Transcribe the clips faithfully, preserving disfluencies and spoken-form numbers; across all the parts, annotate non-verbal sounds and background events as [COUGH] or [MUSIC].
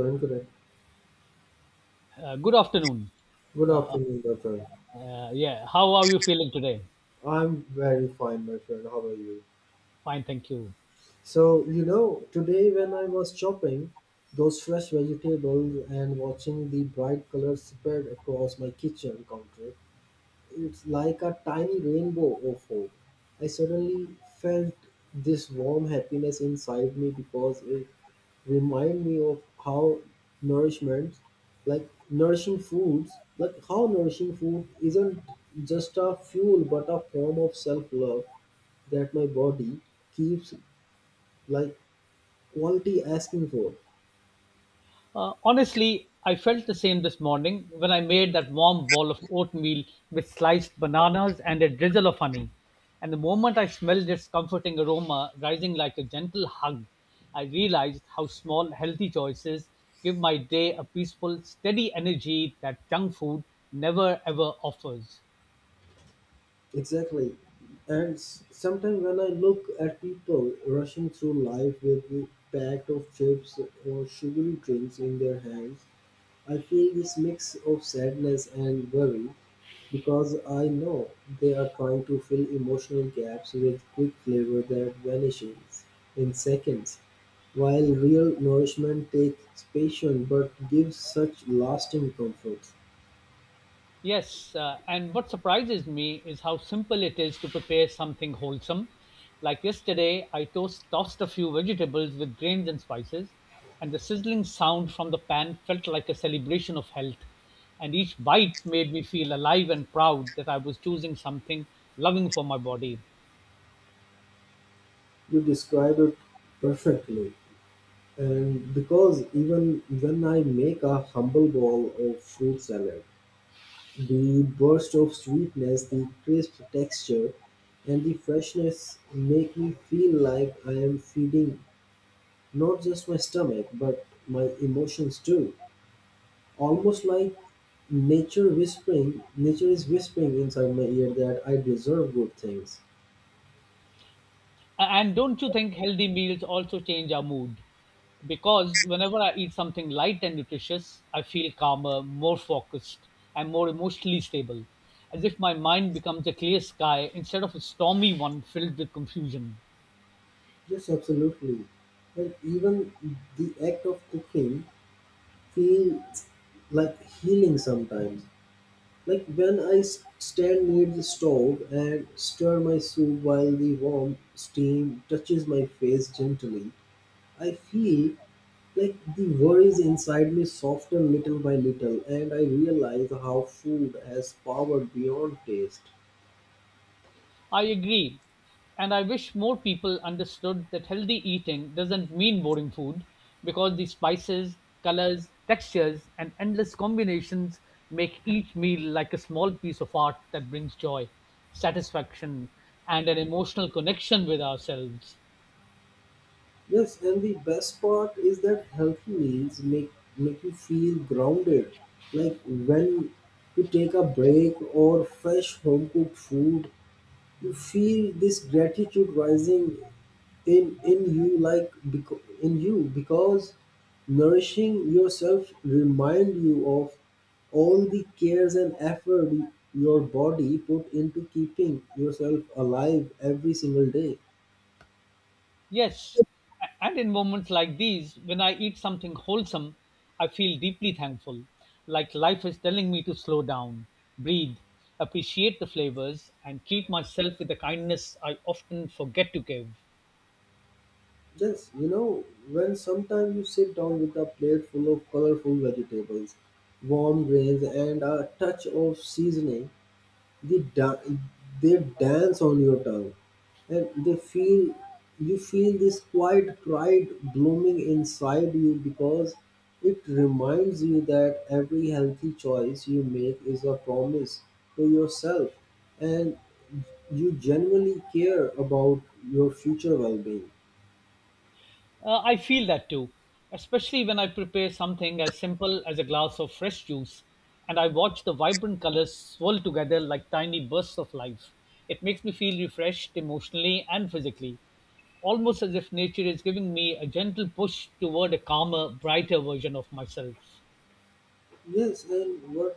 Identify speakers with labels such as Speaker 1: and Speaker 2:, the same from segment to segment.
Speaker 1: Karan, correct.
Speaker 2: Uh, good afternoon.
Speaker 1: Good afternoon, my friend.
Speaker 2: Uh, yeah, how are you feeling today?
Speaker 1: I'm very fine, my friend. How are you?
Speaker 2: Fine, thank you.
Speaker 1: So, you know, today when I was chopping those fresh vegetables and watching the bright colors spread across my kitchen counter, it's like a tiny rainbow of hope. I suddenly felt this warm happiness inside me because it remind me of how nourishment like nourishing foods like how nourishing food isn't just a fuel but a form of self-love that my body keeps like quality asking for.
Speaker 2: Uh, honestly, I felt the same this morning when I made that warm bowl of oatmeal with sliced bananas and a drizzle of honey. And the moment I smelled its comforting aroma rising like a gentle hug, I realized how small, healthy choices give my day a peaceful, steady energy that junk food never ever offers.
Speaker 1: Exactly. And s- sometimes when I look at people rushing through life with a pack of chips or sugary drinks in their hands, I feel this mix of sadness and worry, because I know they are trying to fill emotional gaps with quick flavor that vanishes in seconds, while real nourishment takes patience but gives such lasting comfort.
Speaker 2: Yes, uh, and what surprises me is how simple it is to prepare something wholesome. Like yesterday, I toast, tossed a few vegetables with grains and spices, and the sizzling sound from the pan felt like a celebration of health. And each bite made me feel alive and proud that I was choosing something loving for my body.
Speaker 1: You describe it perfectly. And because even when I make a humble bowl of fruit salad, the burst of sweetness, the crisp texture, and the freshness make me feel like I am feeding not just my stomach, but my emotions too. Almost like nature whispering, nature is whispering inside my ear that I deserve good things.
Speaker 2: And don't you think healthy meals also change our mood? Because whenever I eat something light and nutritious, I feel calmer, more focused, and more emotionally stable, as if my mind becomes a clear sky instead of a stormy one filled with confusion.
Speaker 1: Yes, absolutely. And even the act of cooking feels like healing sometimes. Like when I s- stand near the stove and stir my soup while the warm steam touches my face gently, I feel like the worries inside me soften little by little, and I realize how food has power beyond taste.
Speaker 2: I agree. And I wish more people understood that healthy eating doesn't mean boring food because the spices, colors, textures, and endless combinations make each meal like a small piece of art that brings joy, satisfaction, and an emotional connection with ourselves.
Speaker 1: Yes, and the best part is that healthy meals make make you feel grounded. Like when you take a break or fresh home cooked food, you feel this gratitude rising in in you like beco- in you because nourishing yourself remind you of all the cares and effort your body put into keeping yourself alive every single day.
Speaker 2: Yes. A- And in moments like these, when I eat something wholesome, I feel deeply thankful, like life is telling me to slow down, breathe, appreciate the flavors, and treat myself with the kindness I often forget to give.
Speaker 1: Just you know when sometimes you sit down with a plate full of colorful vegetables, warm grains and a touch of seasoning, they, da- they dance on your tongue and they feel you feel this quiet pride blooming inside you because it reminds you that every healthy choice you make is a promise to yourself and you genuinely care about your future well-being.
Speaker 2: Uh, I feel that too, especially when I prepare something as simple as a glass of fresh juice and I watch the vibrant colors swirl together like tiny bursts of life. It makes me feel refreshed emotionally and physically, almost as if nature is giving me a gentle push toward a calmer, brighter version of myself.
Speaker 1: Yes, and what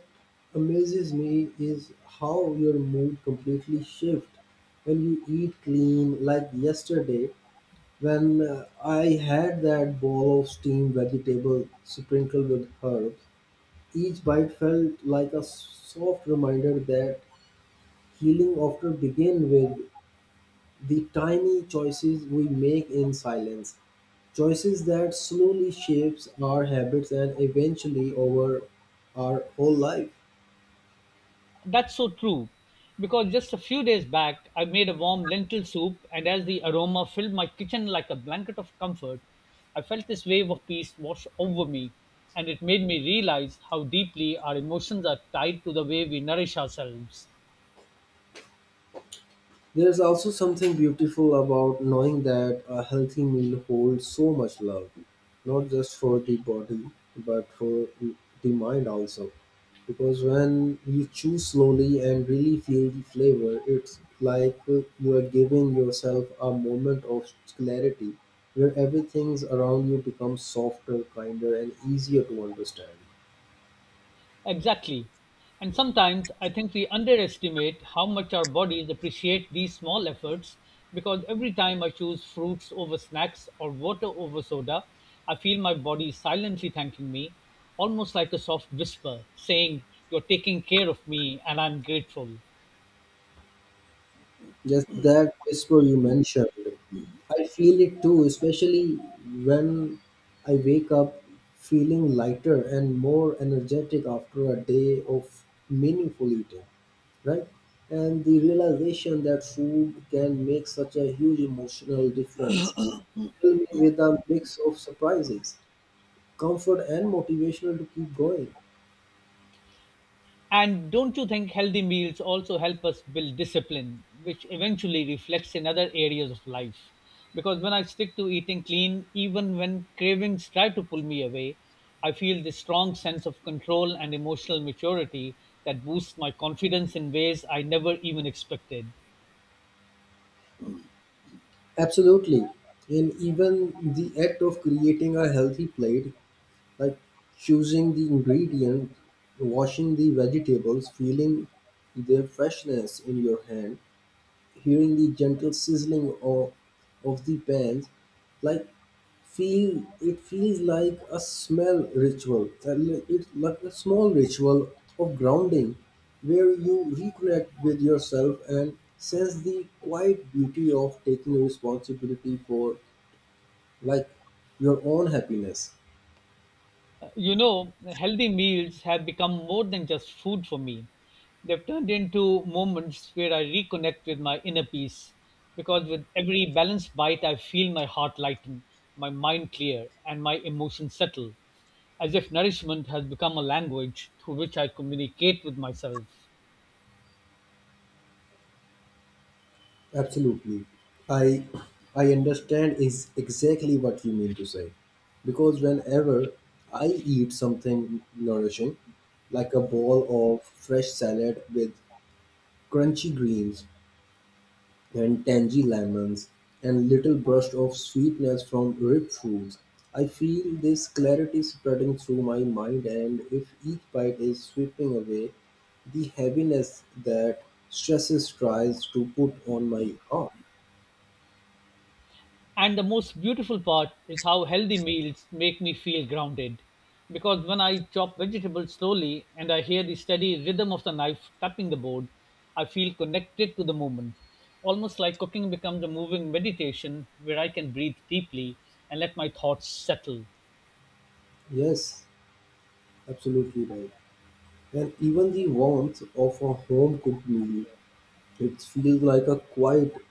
Speaker 1: amazes me is how your mood completely shifts when you eat clean. Like yesterday, when uh, I had that bowl of steamed vegetable sprinkled with herbs, each bite felt like a soft reminder that healing often begins with the tiny choices we make in silence. Choices that slowly shapes our habits and eventually over our whole life.
Speaker 2: That's so true. Because just a few days back, I made a warm lentil soup, and as the aroma filled my kitchen like a blanket of comfort, I felt this wave of peace wash over me, and it made me realize how deeply our emotions are tied to the way we nourish ourselves.
Speaker 1: There's also something beautiful about knowing that a healthy meal holds so much love, not just for the body, but for the mind also. Because when you chew slowly and really feel the flavor, it's like uh, you are giving yourself a moment of clarity where everything around you becomes softer, kinder, and easier to understand.
Speaker 2: Exactly. And sometimes I think we underestimate how much our bodies appreciate these small efforts because every time I choose fruits over snacks or water over soda, I feel my body silently thanking me, almost like a soft whisper saying, You're taking care of me and I'm grateful.
Speaker 1: Just that whisper you mentioned. I feel it too, especially when I wake up feeling lighter and more energetic after a day of meaningful eating, right? And the realization that food can make such a huge emotional difference filled me with a mix of surprises, comfort, and motivational to keep going.
Speaker 2: And don't you think healthy meals also help us build discipline, which eventually reflects in other areas of life? Because when I stick to eating clean, even when cravings try to pull me away, I feel this strong sense of control and emotional maturity that boosts my confidence in ways I never even expected.
Speaker 1: Absolutely. And even the act of creating a healthy plate, like choosing the ingredient, washing the vegetables, feeling their freshness in your hand, hearing the gentle sizzling of, of the pans, like feel it feels like a smell ritual. And It's like a small ritual of grounding where you reconnect with yourself and sense the quiet beauty of taking responsibility for like your own happiness.
Speaker 2: You know, healthy meals have become more than just food for me. They've turned into moments where I reconnect with my inner peace because with every balanced bite, I feel my heart lighten, my mind clear, and my emotions settle, as if nourishment has become a language through which I communicate with myself.
Speaker 1: Absolutely. I I understand is exactly what you mean to say. Because whenever I eat something nourishing, like a bowl of fresh salad with crunchy greens and tangy lemons and little burst of sweetness from ripe fruits, I feel this clarity spreading through my mind and if each bite is sweeping away the heaviness that stresses tries to put on my heart.
Speaker 2: And the most beautiful part is how healthy meals make me feel grounded. Because when I chop vegetables slowly and I hear the steady rhythm of the knife tapping the board, I feel connected to the moment. Almost like cooking becomes a moving meditation where I can breathe deeply and let my thoughts settle.
Speaker 1: Yes, absolutely right. And even the warmth of a home cooked meal, it feels like a quiet,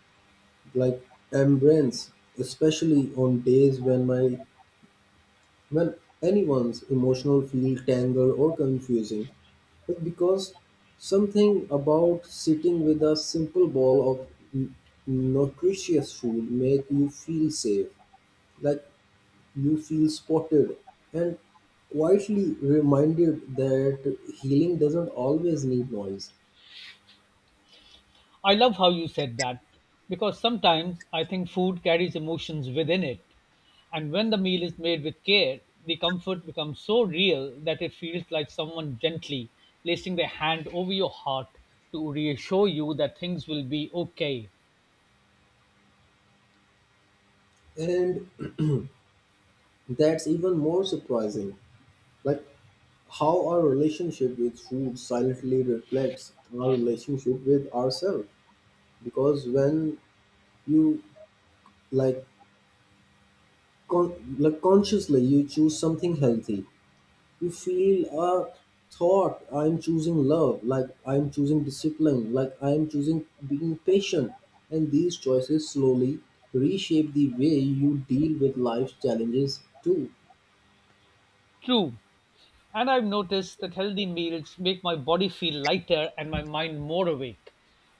Speaker 1: like embrace, especially on days when my when anyone's emotional feel tangled or confusing. But because something about sitting with a simple bowl of n- nutritious food make you feel safe. Like you feel spotted and quietly reminded that healing doesn't always need noise.
Speaker 2: I love how you said that because sometimes I think food carries emotions within it. And when the meal is made with care, the comfort becomes so real that it feels like someone gently placing their hand over your heart to reassure you that things will be okay.
Speaker 1: And [CLEARS THROAT] that's even more surprising. Like how our relationship with food silently reflects our relationship with ourselves because when you like con- like consciously you choose something healthy, you feel a thought, I'm choosing love, like I'm choosing discipline, like I'm choosing being patient, and these choices slowly reshape the way you deal with life's challenges too.
Speaker 2: True, and I've noticed that healthy meals make my body feel lighter and my mind more awake.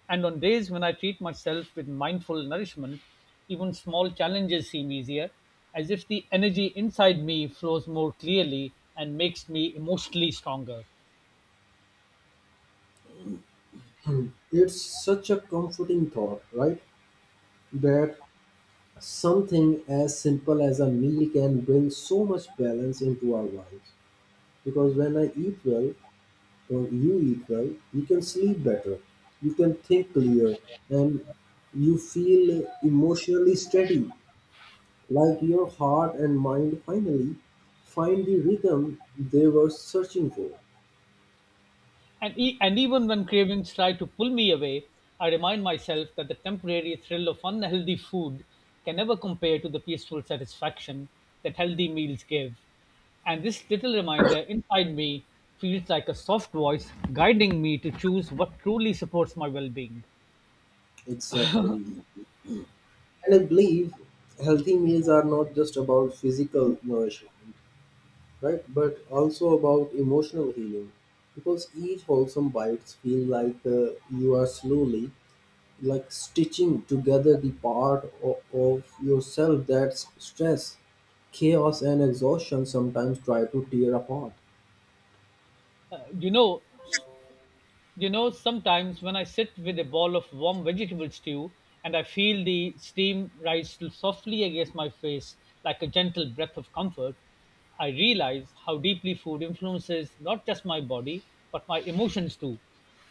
Speaker 2: And on days when I treat myself with mindful nourishment, even small challenges seem easier, as if the energy inside me flows more clearly and makes me emotionally stronger.
Speaker 1: It's such a comforting thought, right? That something as simple as a meal can bring so much balance into our lives because when I eat well well, you eat well, you can sleep better, you can think clear, and you feel emotionally steady, like your heart and mind finally find the rhythm they were searching for.
Speaker 2: And, e- and even when cravings try to pull me away, I remind myself that the temporary thrill of unhealthy food can never compare to the peaceful satisfaction that healthy meals give. And this little reminder inside me feels like a soft voice guiding me to choose what truly supports my well being.
Speaker 1: Exactly. And I believe healthy meals are not just about physical nourishment, right? But also about emotional healing. Because each wholesome bite feels like uh, you are slowly like stitching together the part o- of yourself that's stress, chaos, and exhaustion sometimes try to tear apart.
Speaker 2: Uh, you know, You know, sometimes when I sit with a bowl of warm vegetable stew and I feel the steam rise softly against my face like a gentle breath of comfort, I realize how deeply food influences not just my body but my emotions too.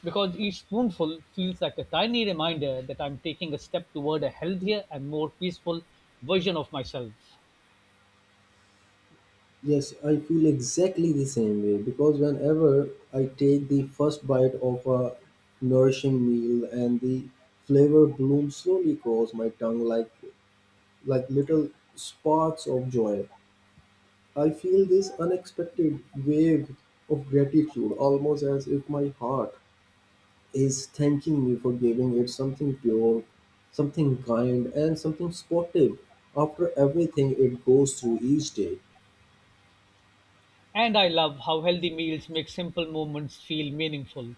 Speaker 2: Because each spoonful feels like a tiny reminder that I'm taking a step toward a healthier and more peaceful version of myself.
Speaker 1: Yes, I feel exactly the same way because whenever I take the first bite of a nourishing meal and the flavor blooms slowly across my tongue like like little sparks of joy, I feel this unexpected wave of gratitude almost as if my heart is thanking me for giving it something pure, something kind, and something sportive after everything it goes through each day.
Speaker 2: And I love how healthy meals make simple moments feel meaningful.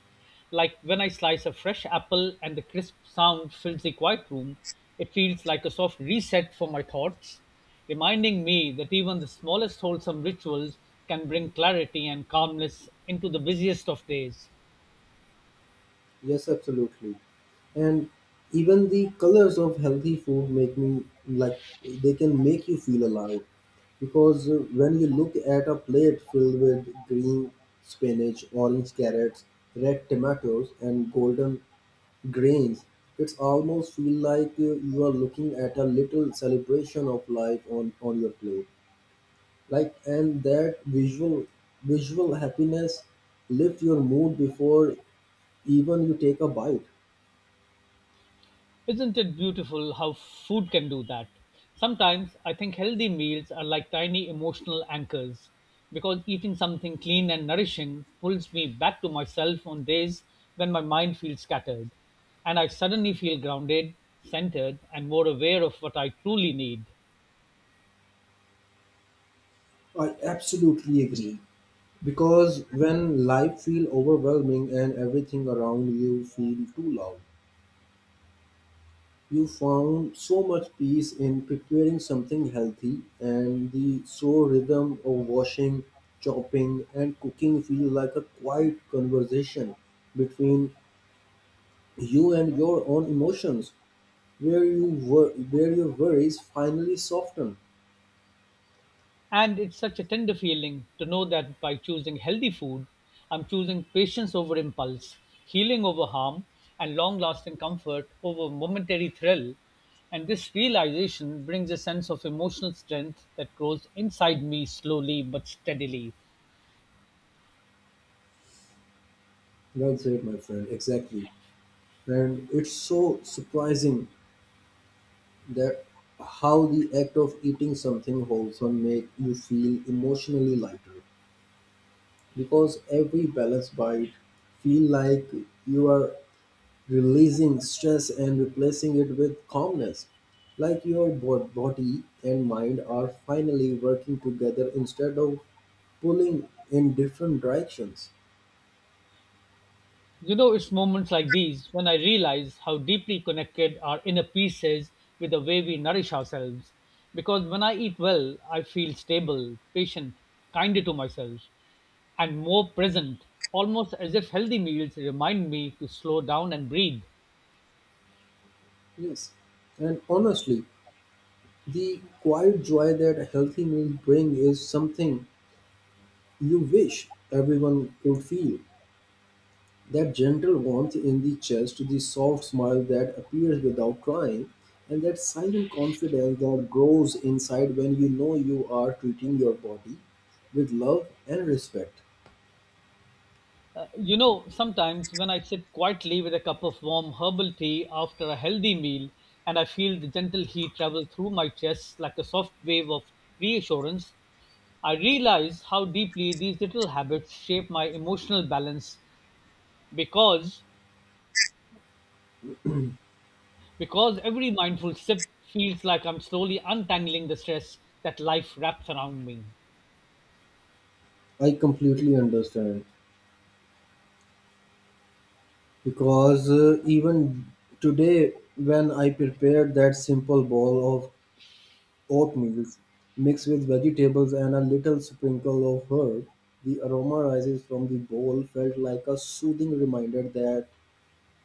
Speaker 2: Like when I slice a fresh apple and the crisp sound fills the quiet room, it feels like a soft reset for my thoughts, reminding me that even the smallest wholesome rituals can bring clarity and calmness into the busiest of days.
Speaker 1: Yes, absolutely. And even the colors of healthy food make me like they can make you feel alive because uh, when you look at a plate filled with green spinach, orange carrots, red tomatoes, and golden grains, it's almost feel like uh, you are looking at a little celebration of life on, on your plate. Like and that visual visual happiness lift your mood before even you take a bite.
Speaker 2: Isn't it beautiful how food can do that? Sometimes I think healthy meals are like tiny emotional anchors because eating something clean and nourishing pulls me back to myself on days when my mind feels scattered and I suddenly feel grounded, centered, and more aware of what I truly need.
Speaker 1: I absolutely agree. Because when life feel overwhelming and everything around you feel too loud, you found so much peace in preparing something healthy, and the slow rhythm of washing, chopping, and cooking feel like a quiet conversation between you and your own emotions, where you wor- where your worries finally soften.
Speaker 2: And it's such a tender feeling to know that by choosing healthy food, I'm choosing patience over impulse, healing over harm, and long lasting comfort over momentary thrill. And this realization brings a sense of emotional strength that grows inside me slowly but steadily.
Speaker 1: Well said, my friend. Exactly, and it's so surprising that how the act of eating something wholesome make you feel emotionally lighter. Because every balanced bite feel like you are releasing stress and replacing it with calmness, like your bo- body and mind are finally working together instead of pulling in different directions.
Speaker 2: You know, it's moments like these when I realize how deeply connected our inner peace is with the way we nourish ourselves. Because when I eat well, I feel stable, patient, kinder to myself, and more present, almost as if healthy meals remind me to slow down and breathe.
Speaker 1: Yes, and honestly, the quiet joy that a healthy meal bring is something you wish everyone could feel. That gentle warmth in the chest, the soft smile that appears without trying, and that silent confidence that grows inside when you know you are treating your body with love and respect.
Speaker 2: Uh, you know, sometimes when I sit quietly with a cup of warm herbal tea after a healthy meal and I feel the gentle heat travel through my chest like a soft wave of reassurance, I realize how deeply these little habits shape my emotional balance because because every mindful sip feels like I'm slowly untangling the stress that life wraps around me.
Speaker 1: I completely understand because uh, even today, when I prepared that simple bowl of oatmeal mixed with vegetables and a little sprinkle of herb, the aroma rises from the bowl felt like a soothing reminder that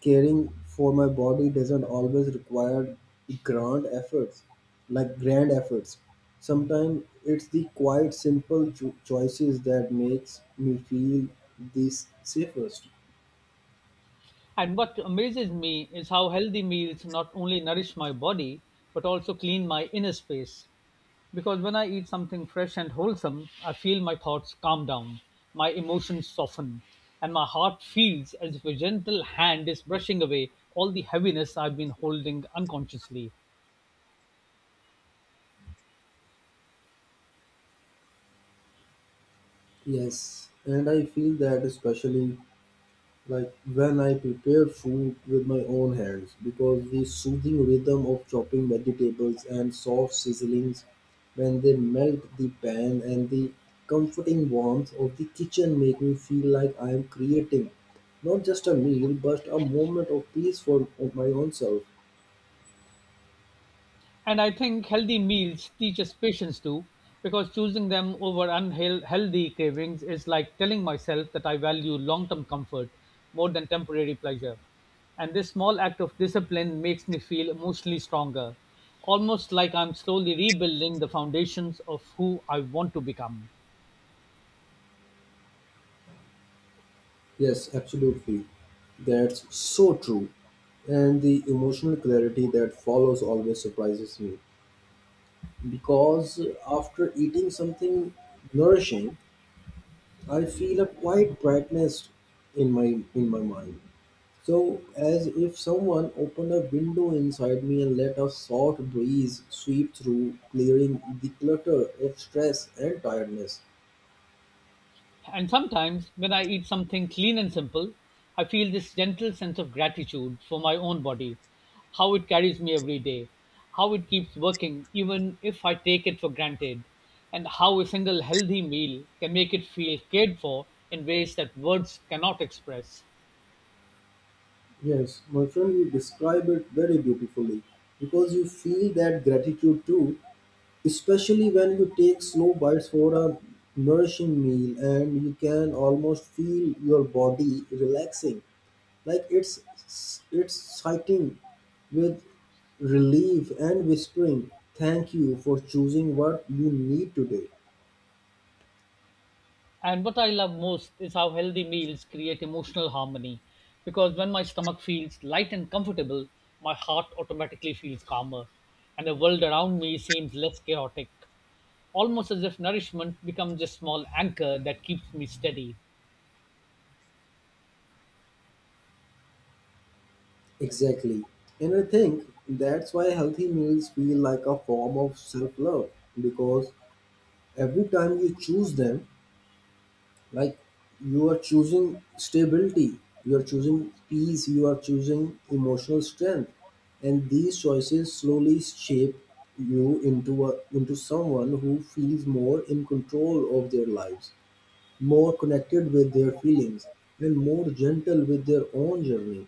Speaker 1: caring for my body doesn't always require grand efforts, like grand efforts. Sometimes it's the quiet, simple cho- choices that makes me feel the safest.
Speaker 2: And what amazes me is how healthy meals not only nourish my body, but also clean my inner space. Because when I eat something fresh and wholesome, I feel my thoughts calm down, my emotions soften, and my heart feels as if a gentle hand is brushing away all the heaviness I've been holding unconsciously.
Speaker 1: Yes, and I feel that especially like when I prepare food with my own hands because the soothing rhythm of chopping vegetables and soft sizzlings when they melt the pan and the comforting warmth of the kitchen make me feel like I am creating not just a meal but a moment of peace for of my own self.
Speaker 2: And I think healthy meals teach us patience too, because choosing them over unhealthy cravings is like telling myself that I value long term comfort more than temporary pleasure. And this small act of discipline makes me feel emotionally stronger, almost like I'm slowly rebuilding the foundations of who I want to become.
Speaker 1: Yes, absolutely. That's so true. And the emotional clarity that follows always surprises me because after eating something nourishing, I feel a quiet brightness in my in my mind. So as if someone opened a window inside me and let a soft breeze sweep through, clearing the clutter of stress and tiredness.
Speaker 2: And sometimes, when I eat something clean and simple, I feel this gentle sense of gratitude for my own body, how it carries me every day, how it keeps working even if I take it for granted, and how a single healthy meal can make it feel cared for in ways that words cannot express.
Speaker 1: Yes, my friend, you describe it very beautifully because you feel that gratitude too, especially when you take slow bites for a nourishing meal and you can almost feel your body relaxing. Like it's it's sighting with relief and whispering, thank you for choosing what you need today.
Speaker 2: And what I love most is how healthy meals create emotional harmony because when my stomach feels light and comfortable, my heart automatically feels calmer and the world around me seems less chaotic, almost as if nourishment becomes a small anchor that keeps me steady.
Speaker 1: Exactly. And I think that's why healthy meals feel like a form of self love because every time you choose them, like you are choosing stability, you are choosing peace, you are choosing emotional strength, and these choices slowly shape you into a, into someone who feels more in control of their lives, more connected with their feelings, and more gentle with their own journey.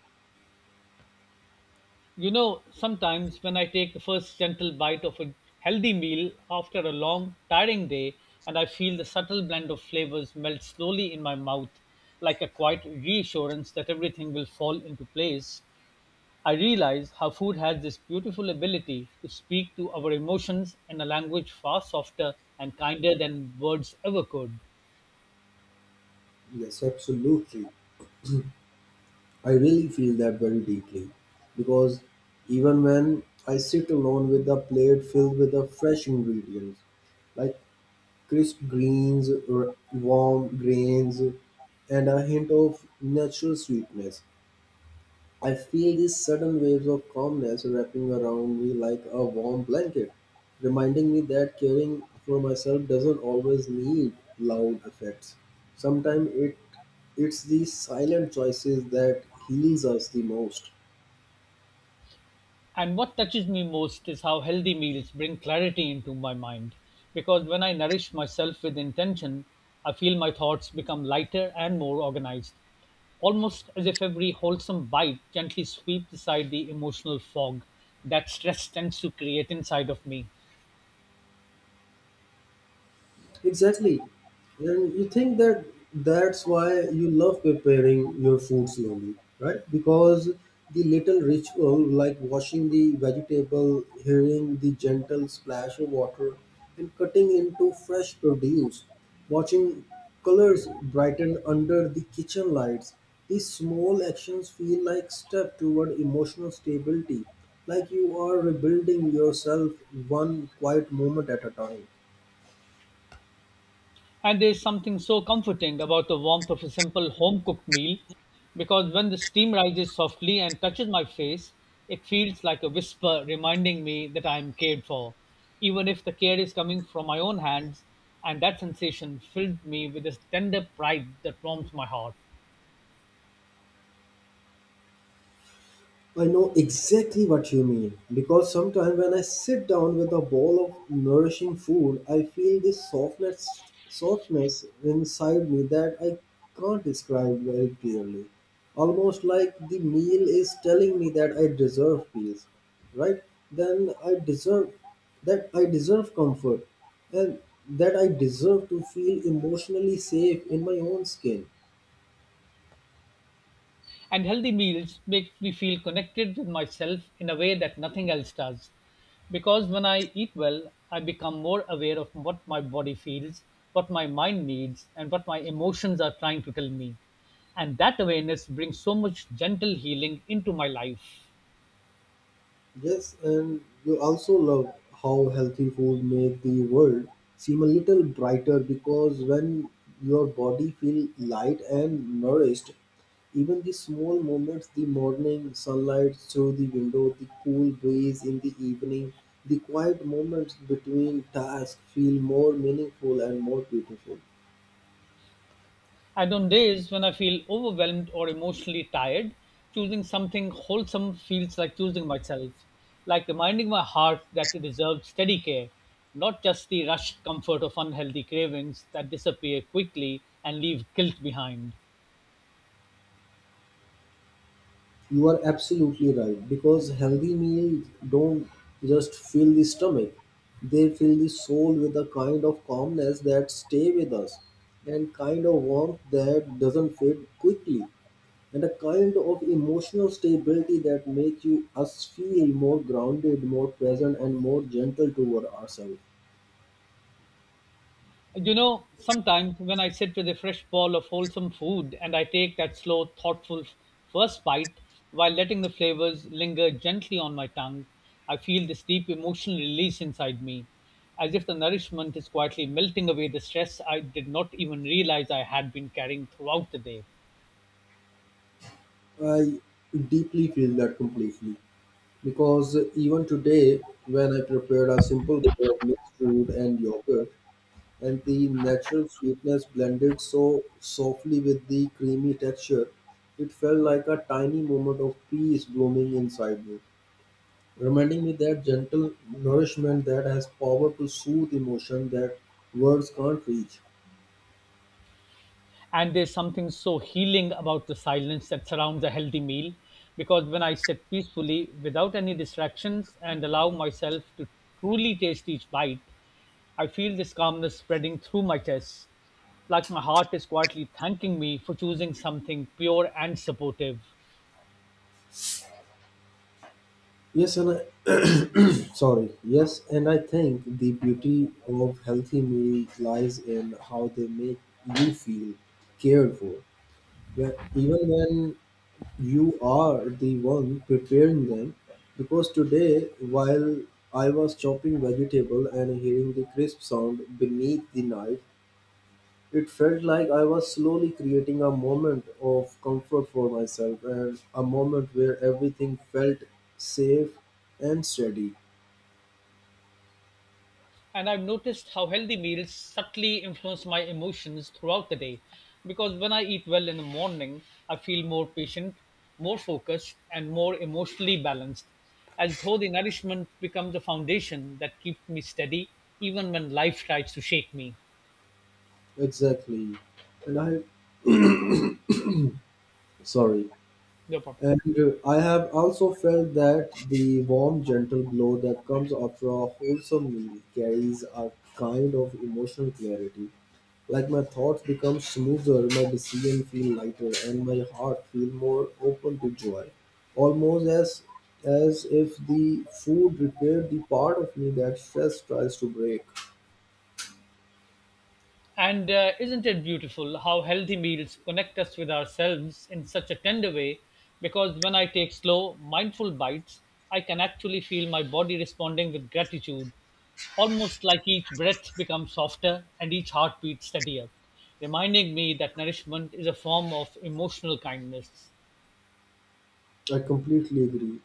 Speaker 2: You know, sometimes when I take the first gentle bite of a healthy meal after a long, tiring day, and I feel the subtle blend of flavors melt slowly in my mouth, like a quiet reassurance that everything will fall into place, I realize how food has this beautiful ability to speak to our emotions in a language far softer and kinder than words ever could.
Speaker 1: Yes, absolutely, I really feel that very deeply because even when I sit alone with a plate filled with the fresh ingredients, like crisp greens, r- warm grains, and a hint of natural sweetness. I feel these sudden waves of calmness wrapping around me like a warm blanket, reminding me that caring for myself doesn't always need loud effects. Sometimes it it's these silent choices that heals us the most.
Speaker 2: And what touches me most is how healthy meals bring clarity into my mind. Because when I nourish myself with intention, I feel my thoughts become lighter and more organized, almost as if every wholesome bite gently sweeps aside the emotional fog that stress tends to create inside of me.
Speaker 1: Exactly. And you think that that's why you love preparing your food slowly, right? Because the little ritual, like washing the vegetable, hearing the gentle splash of water, and cutting into fresh produce, watching colors brighten under the kitchen lights, these small actions feel like step toward emotional stability, like you are rebuilding yourself one quiet moment at a time.
Speaker 2: And there's something so comforting about the warmth of a simple home cooked meal because when the steam rises softly and touches my face, it feels like a whisper reminding me that I am cared for, even if the care is coming from my own hands. And that sensation filled me with this tender pride that warms my heart.
Speaker 1: I know exactly what you mean because sometimes when I sit down with a bowl of nourishing food, I feel this softness softness inside me that I can't describe very clearly. Almost like the meal is telling me that I deserve peace, right? Then I deserve that I deserve comfort and that I deserve to feel emotionally safe in my own skin.
Speaker 2: And healthy meals make me feel connected with myself in a way that nothing else does. Because when I eat well, I become more aware of what my body feels, what my mind needs, and what my emotions are trying to tell me. And that awareness brings so much gentle healing into my life.
Speaker 1: Yes, and you also love how healthy food make the world seem a little brighter because when your body feel light and nourished, even the small moments, the morning sunlight through the window, the cool breeze in the evening, the quiet moments between tasks feel more meaningful and more beautiful.
Speaker 2: And on days when I feel overwhelmed or emotionally tired, choosing something wholesome feels like choosing myself, like reminding my heart that it deserves steady care, not just the rushed comfort of unhealthy cravings that disappear quickly and leave guilt behind.
Speaker 1: You are absolutely right because healthy meals don't just fill the stomach, they fill the soul with a kind of calmness that stay with us and kind of warmth that doesn't fade quickly and a kind of emotional stability that makes you us feel more grounded, more present and more gentle toward ourselves.
Speaker 2: You know, sometimes when I sit with a fresh bowl of wholesome food and I take that slow, thoughtful f- first bite while letting the flavors linger gently on my tongue, I feel this deep emotional release inside me, as if the nourishment is quietly melting away the stress I did not even realize I had been carrying throughout the day.
Speaker 1: I deeply feel that completely because even today when I prepared a simple bowl of mixed fruit and yogurt and the natural sweetness blended so softly with the creamy texture, it felt like a tiny moment of peace blooming inside me, reminding me that gentle nourishment that has power to soothe emotion that words can't reach.
Speaker 2: And there's something so healing about the silence that surrounds a healthy meal because when I sit peacefully without any distractions and allow myself to truly taste each bite, I feel this calmness spreading through my chest, like my heart is quietly thanking me for choosing something pure and supportive.
Speaker 1: Yes, and I, [COUGHS] [CLEARS THROAT] sorry. Yes, and I think the beauty of healthy meals lies in how they make you feel cared for. Where- Even when you are the one preparing them, because today, while I was chopping vegetable and hearing the crisp sound beneath the knife, it felt like I was slowly creating a moment of comfort for myself and a moment where everything felt safe and steady.
Speaker 2: And I've noticed how healthy meals subtly influence my emotions throughout the day. Because when I eat well in the morning, I feel more patient, more focused, and more emotionally balanced, as though the nourishment becomes a foundation that keeps me steady even when life tries to shake me.
Speaker 1: Exactly. And I, sorry.
Speaker 2: No problem.
Speaker 1: And uh, I have also felt that the warm, gentle glow that comes after a wholesome meal carries a kind of emotional clarity. Like my thoughts become smoother, my decision feel lighter, and my heart feel more open to joy. Almost as as if the food repaired the part of me that stress tries to break.
Speaker 2: And uh, isn't it beautiful how healthy meals connect us with ourselves in such a tender way? Because when I take slow, mindful bites, I can actually feel my body responding with gratitude, almost like each breath becomes softer and each heartbeat steadier, reminding me that nourishment is a form of emotional kindness.
Speaker 1: I completely agree.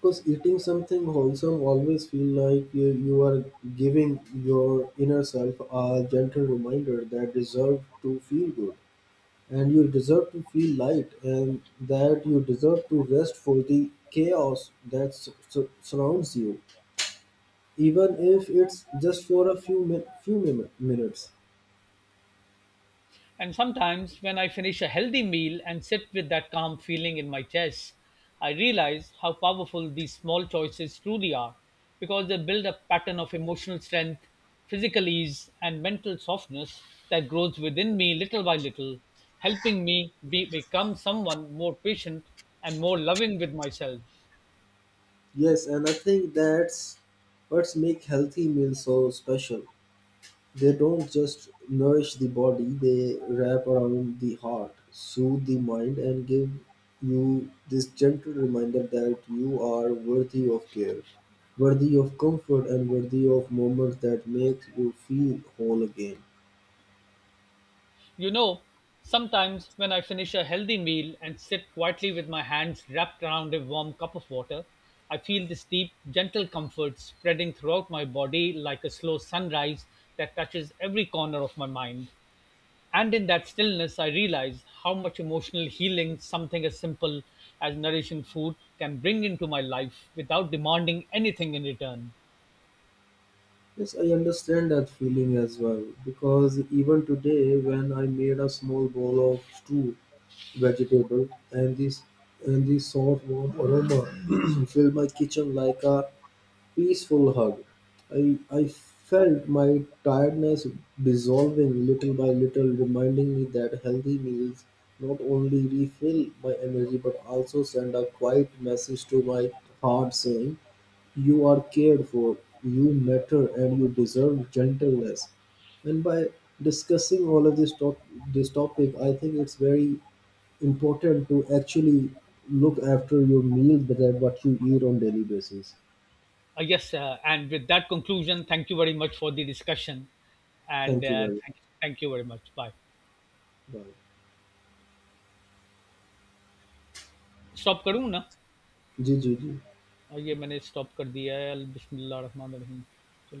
Speaker 1: Because eating something wholesome always feel like you, you are giving your inner self a gentle reminder that deserve to feel good and you deserve to feel light and that you deserve to rest for the chaos that s- s- surrounds you even if it's just for a few min- few min- minutes.
Speaker 2: And sometimes, when I finish a healthy meal and sit with that calm feeling in my chest, I realize how powerful these small choices truly are because they build a pattern of emotional strength, physical ease, and mental softness that grows within me little by little, helping me be, become someone more patient and more loving with myself.
Speaker 1: Yes, and I think that's what's make healthy meals so special. They don't just nourish the body, they wrap around the heart, soothe the mind, and give you this gentle reminder that you are worthy of care, worthy of comfort, and worthy of moments that make you feel whole again.
Speaker 2: You know, sometimes when I finish a healthy meal and sit quietly with my hands wrapped around a warm cup of water, I feel this deep, gentle comfort spreading throughout my body like a slow sunrise that touches every corner of my mind. And in that stillness, I realize how much emotional healing something as simple as nourishing food can bring into my life without demanding anything in return.
Speaker 1: Yes, I understand that feeling as well because even today, when I made a small bowl of stew, vegetable, and this and this soft warm aroma [CLEARS THROAT] filled my kitchen like a peaceful hug. I, I felt my tiredness dissolving little by little, reminding me that healthy meals not only refill my energy but also send a quiet message to my heart saying, you are cared for, you matter, and you deserve gentleness. And by discussing all of this, top, this topic, I think it's very important to actually look after your meal that what you eat on daily basis.
Speaker 2: Uh, yes, uh, and with that conclusion, thank you very much for the discussion, and
Speaker 1: Thank you
Speaker 2: uh,
Speaker 1: very
Speaker 2: thank, thank you very much. Bye.
Speaker 1: Bye.
Speaker 2: Stop करूँ ना?
Speaker 1: जी, जी, जी।
Speaker 2: और ये मैंने stop कर दिया है. बिस्मिल्लाह रहमान रहीम. चलो.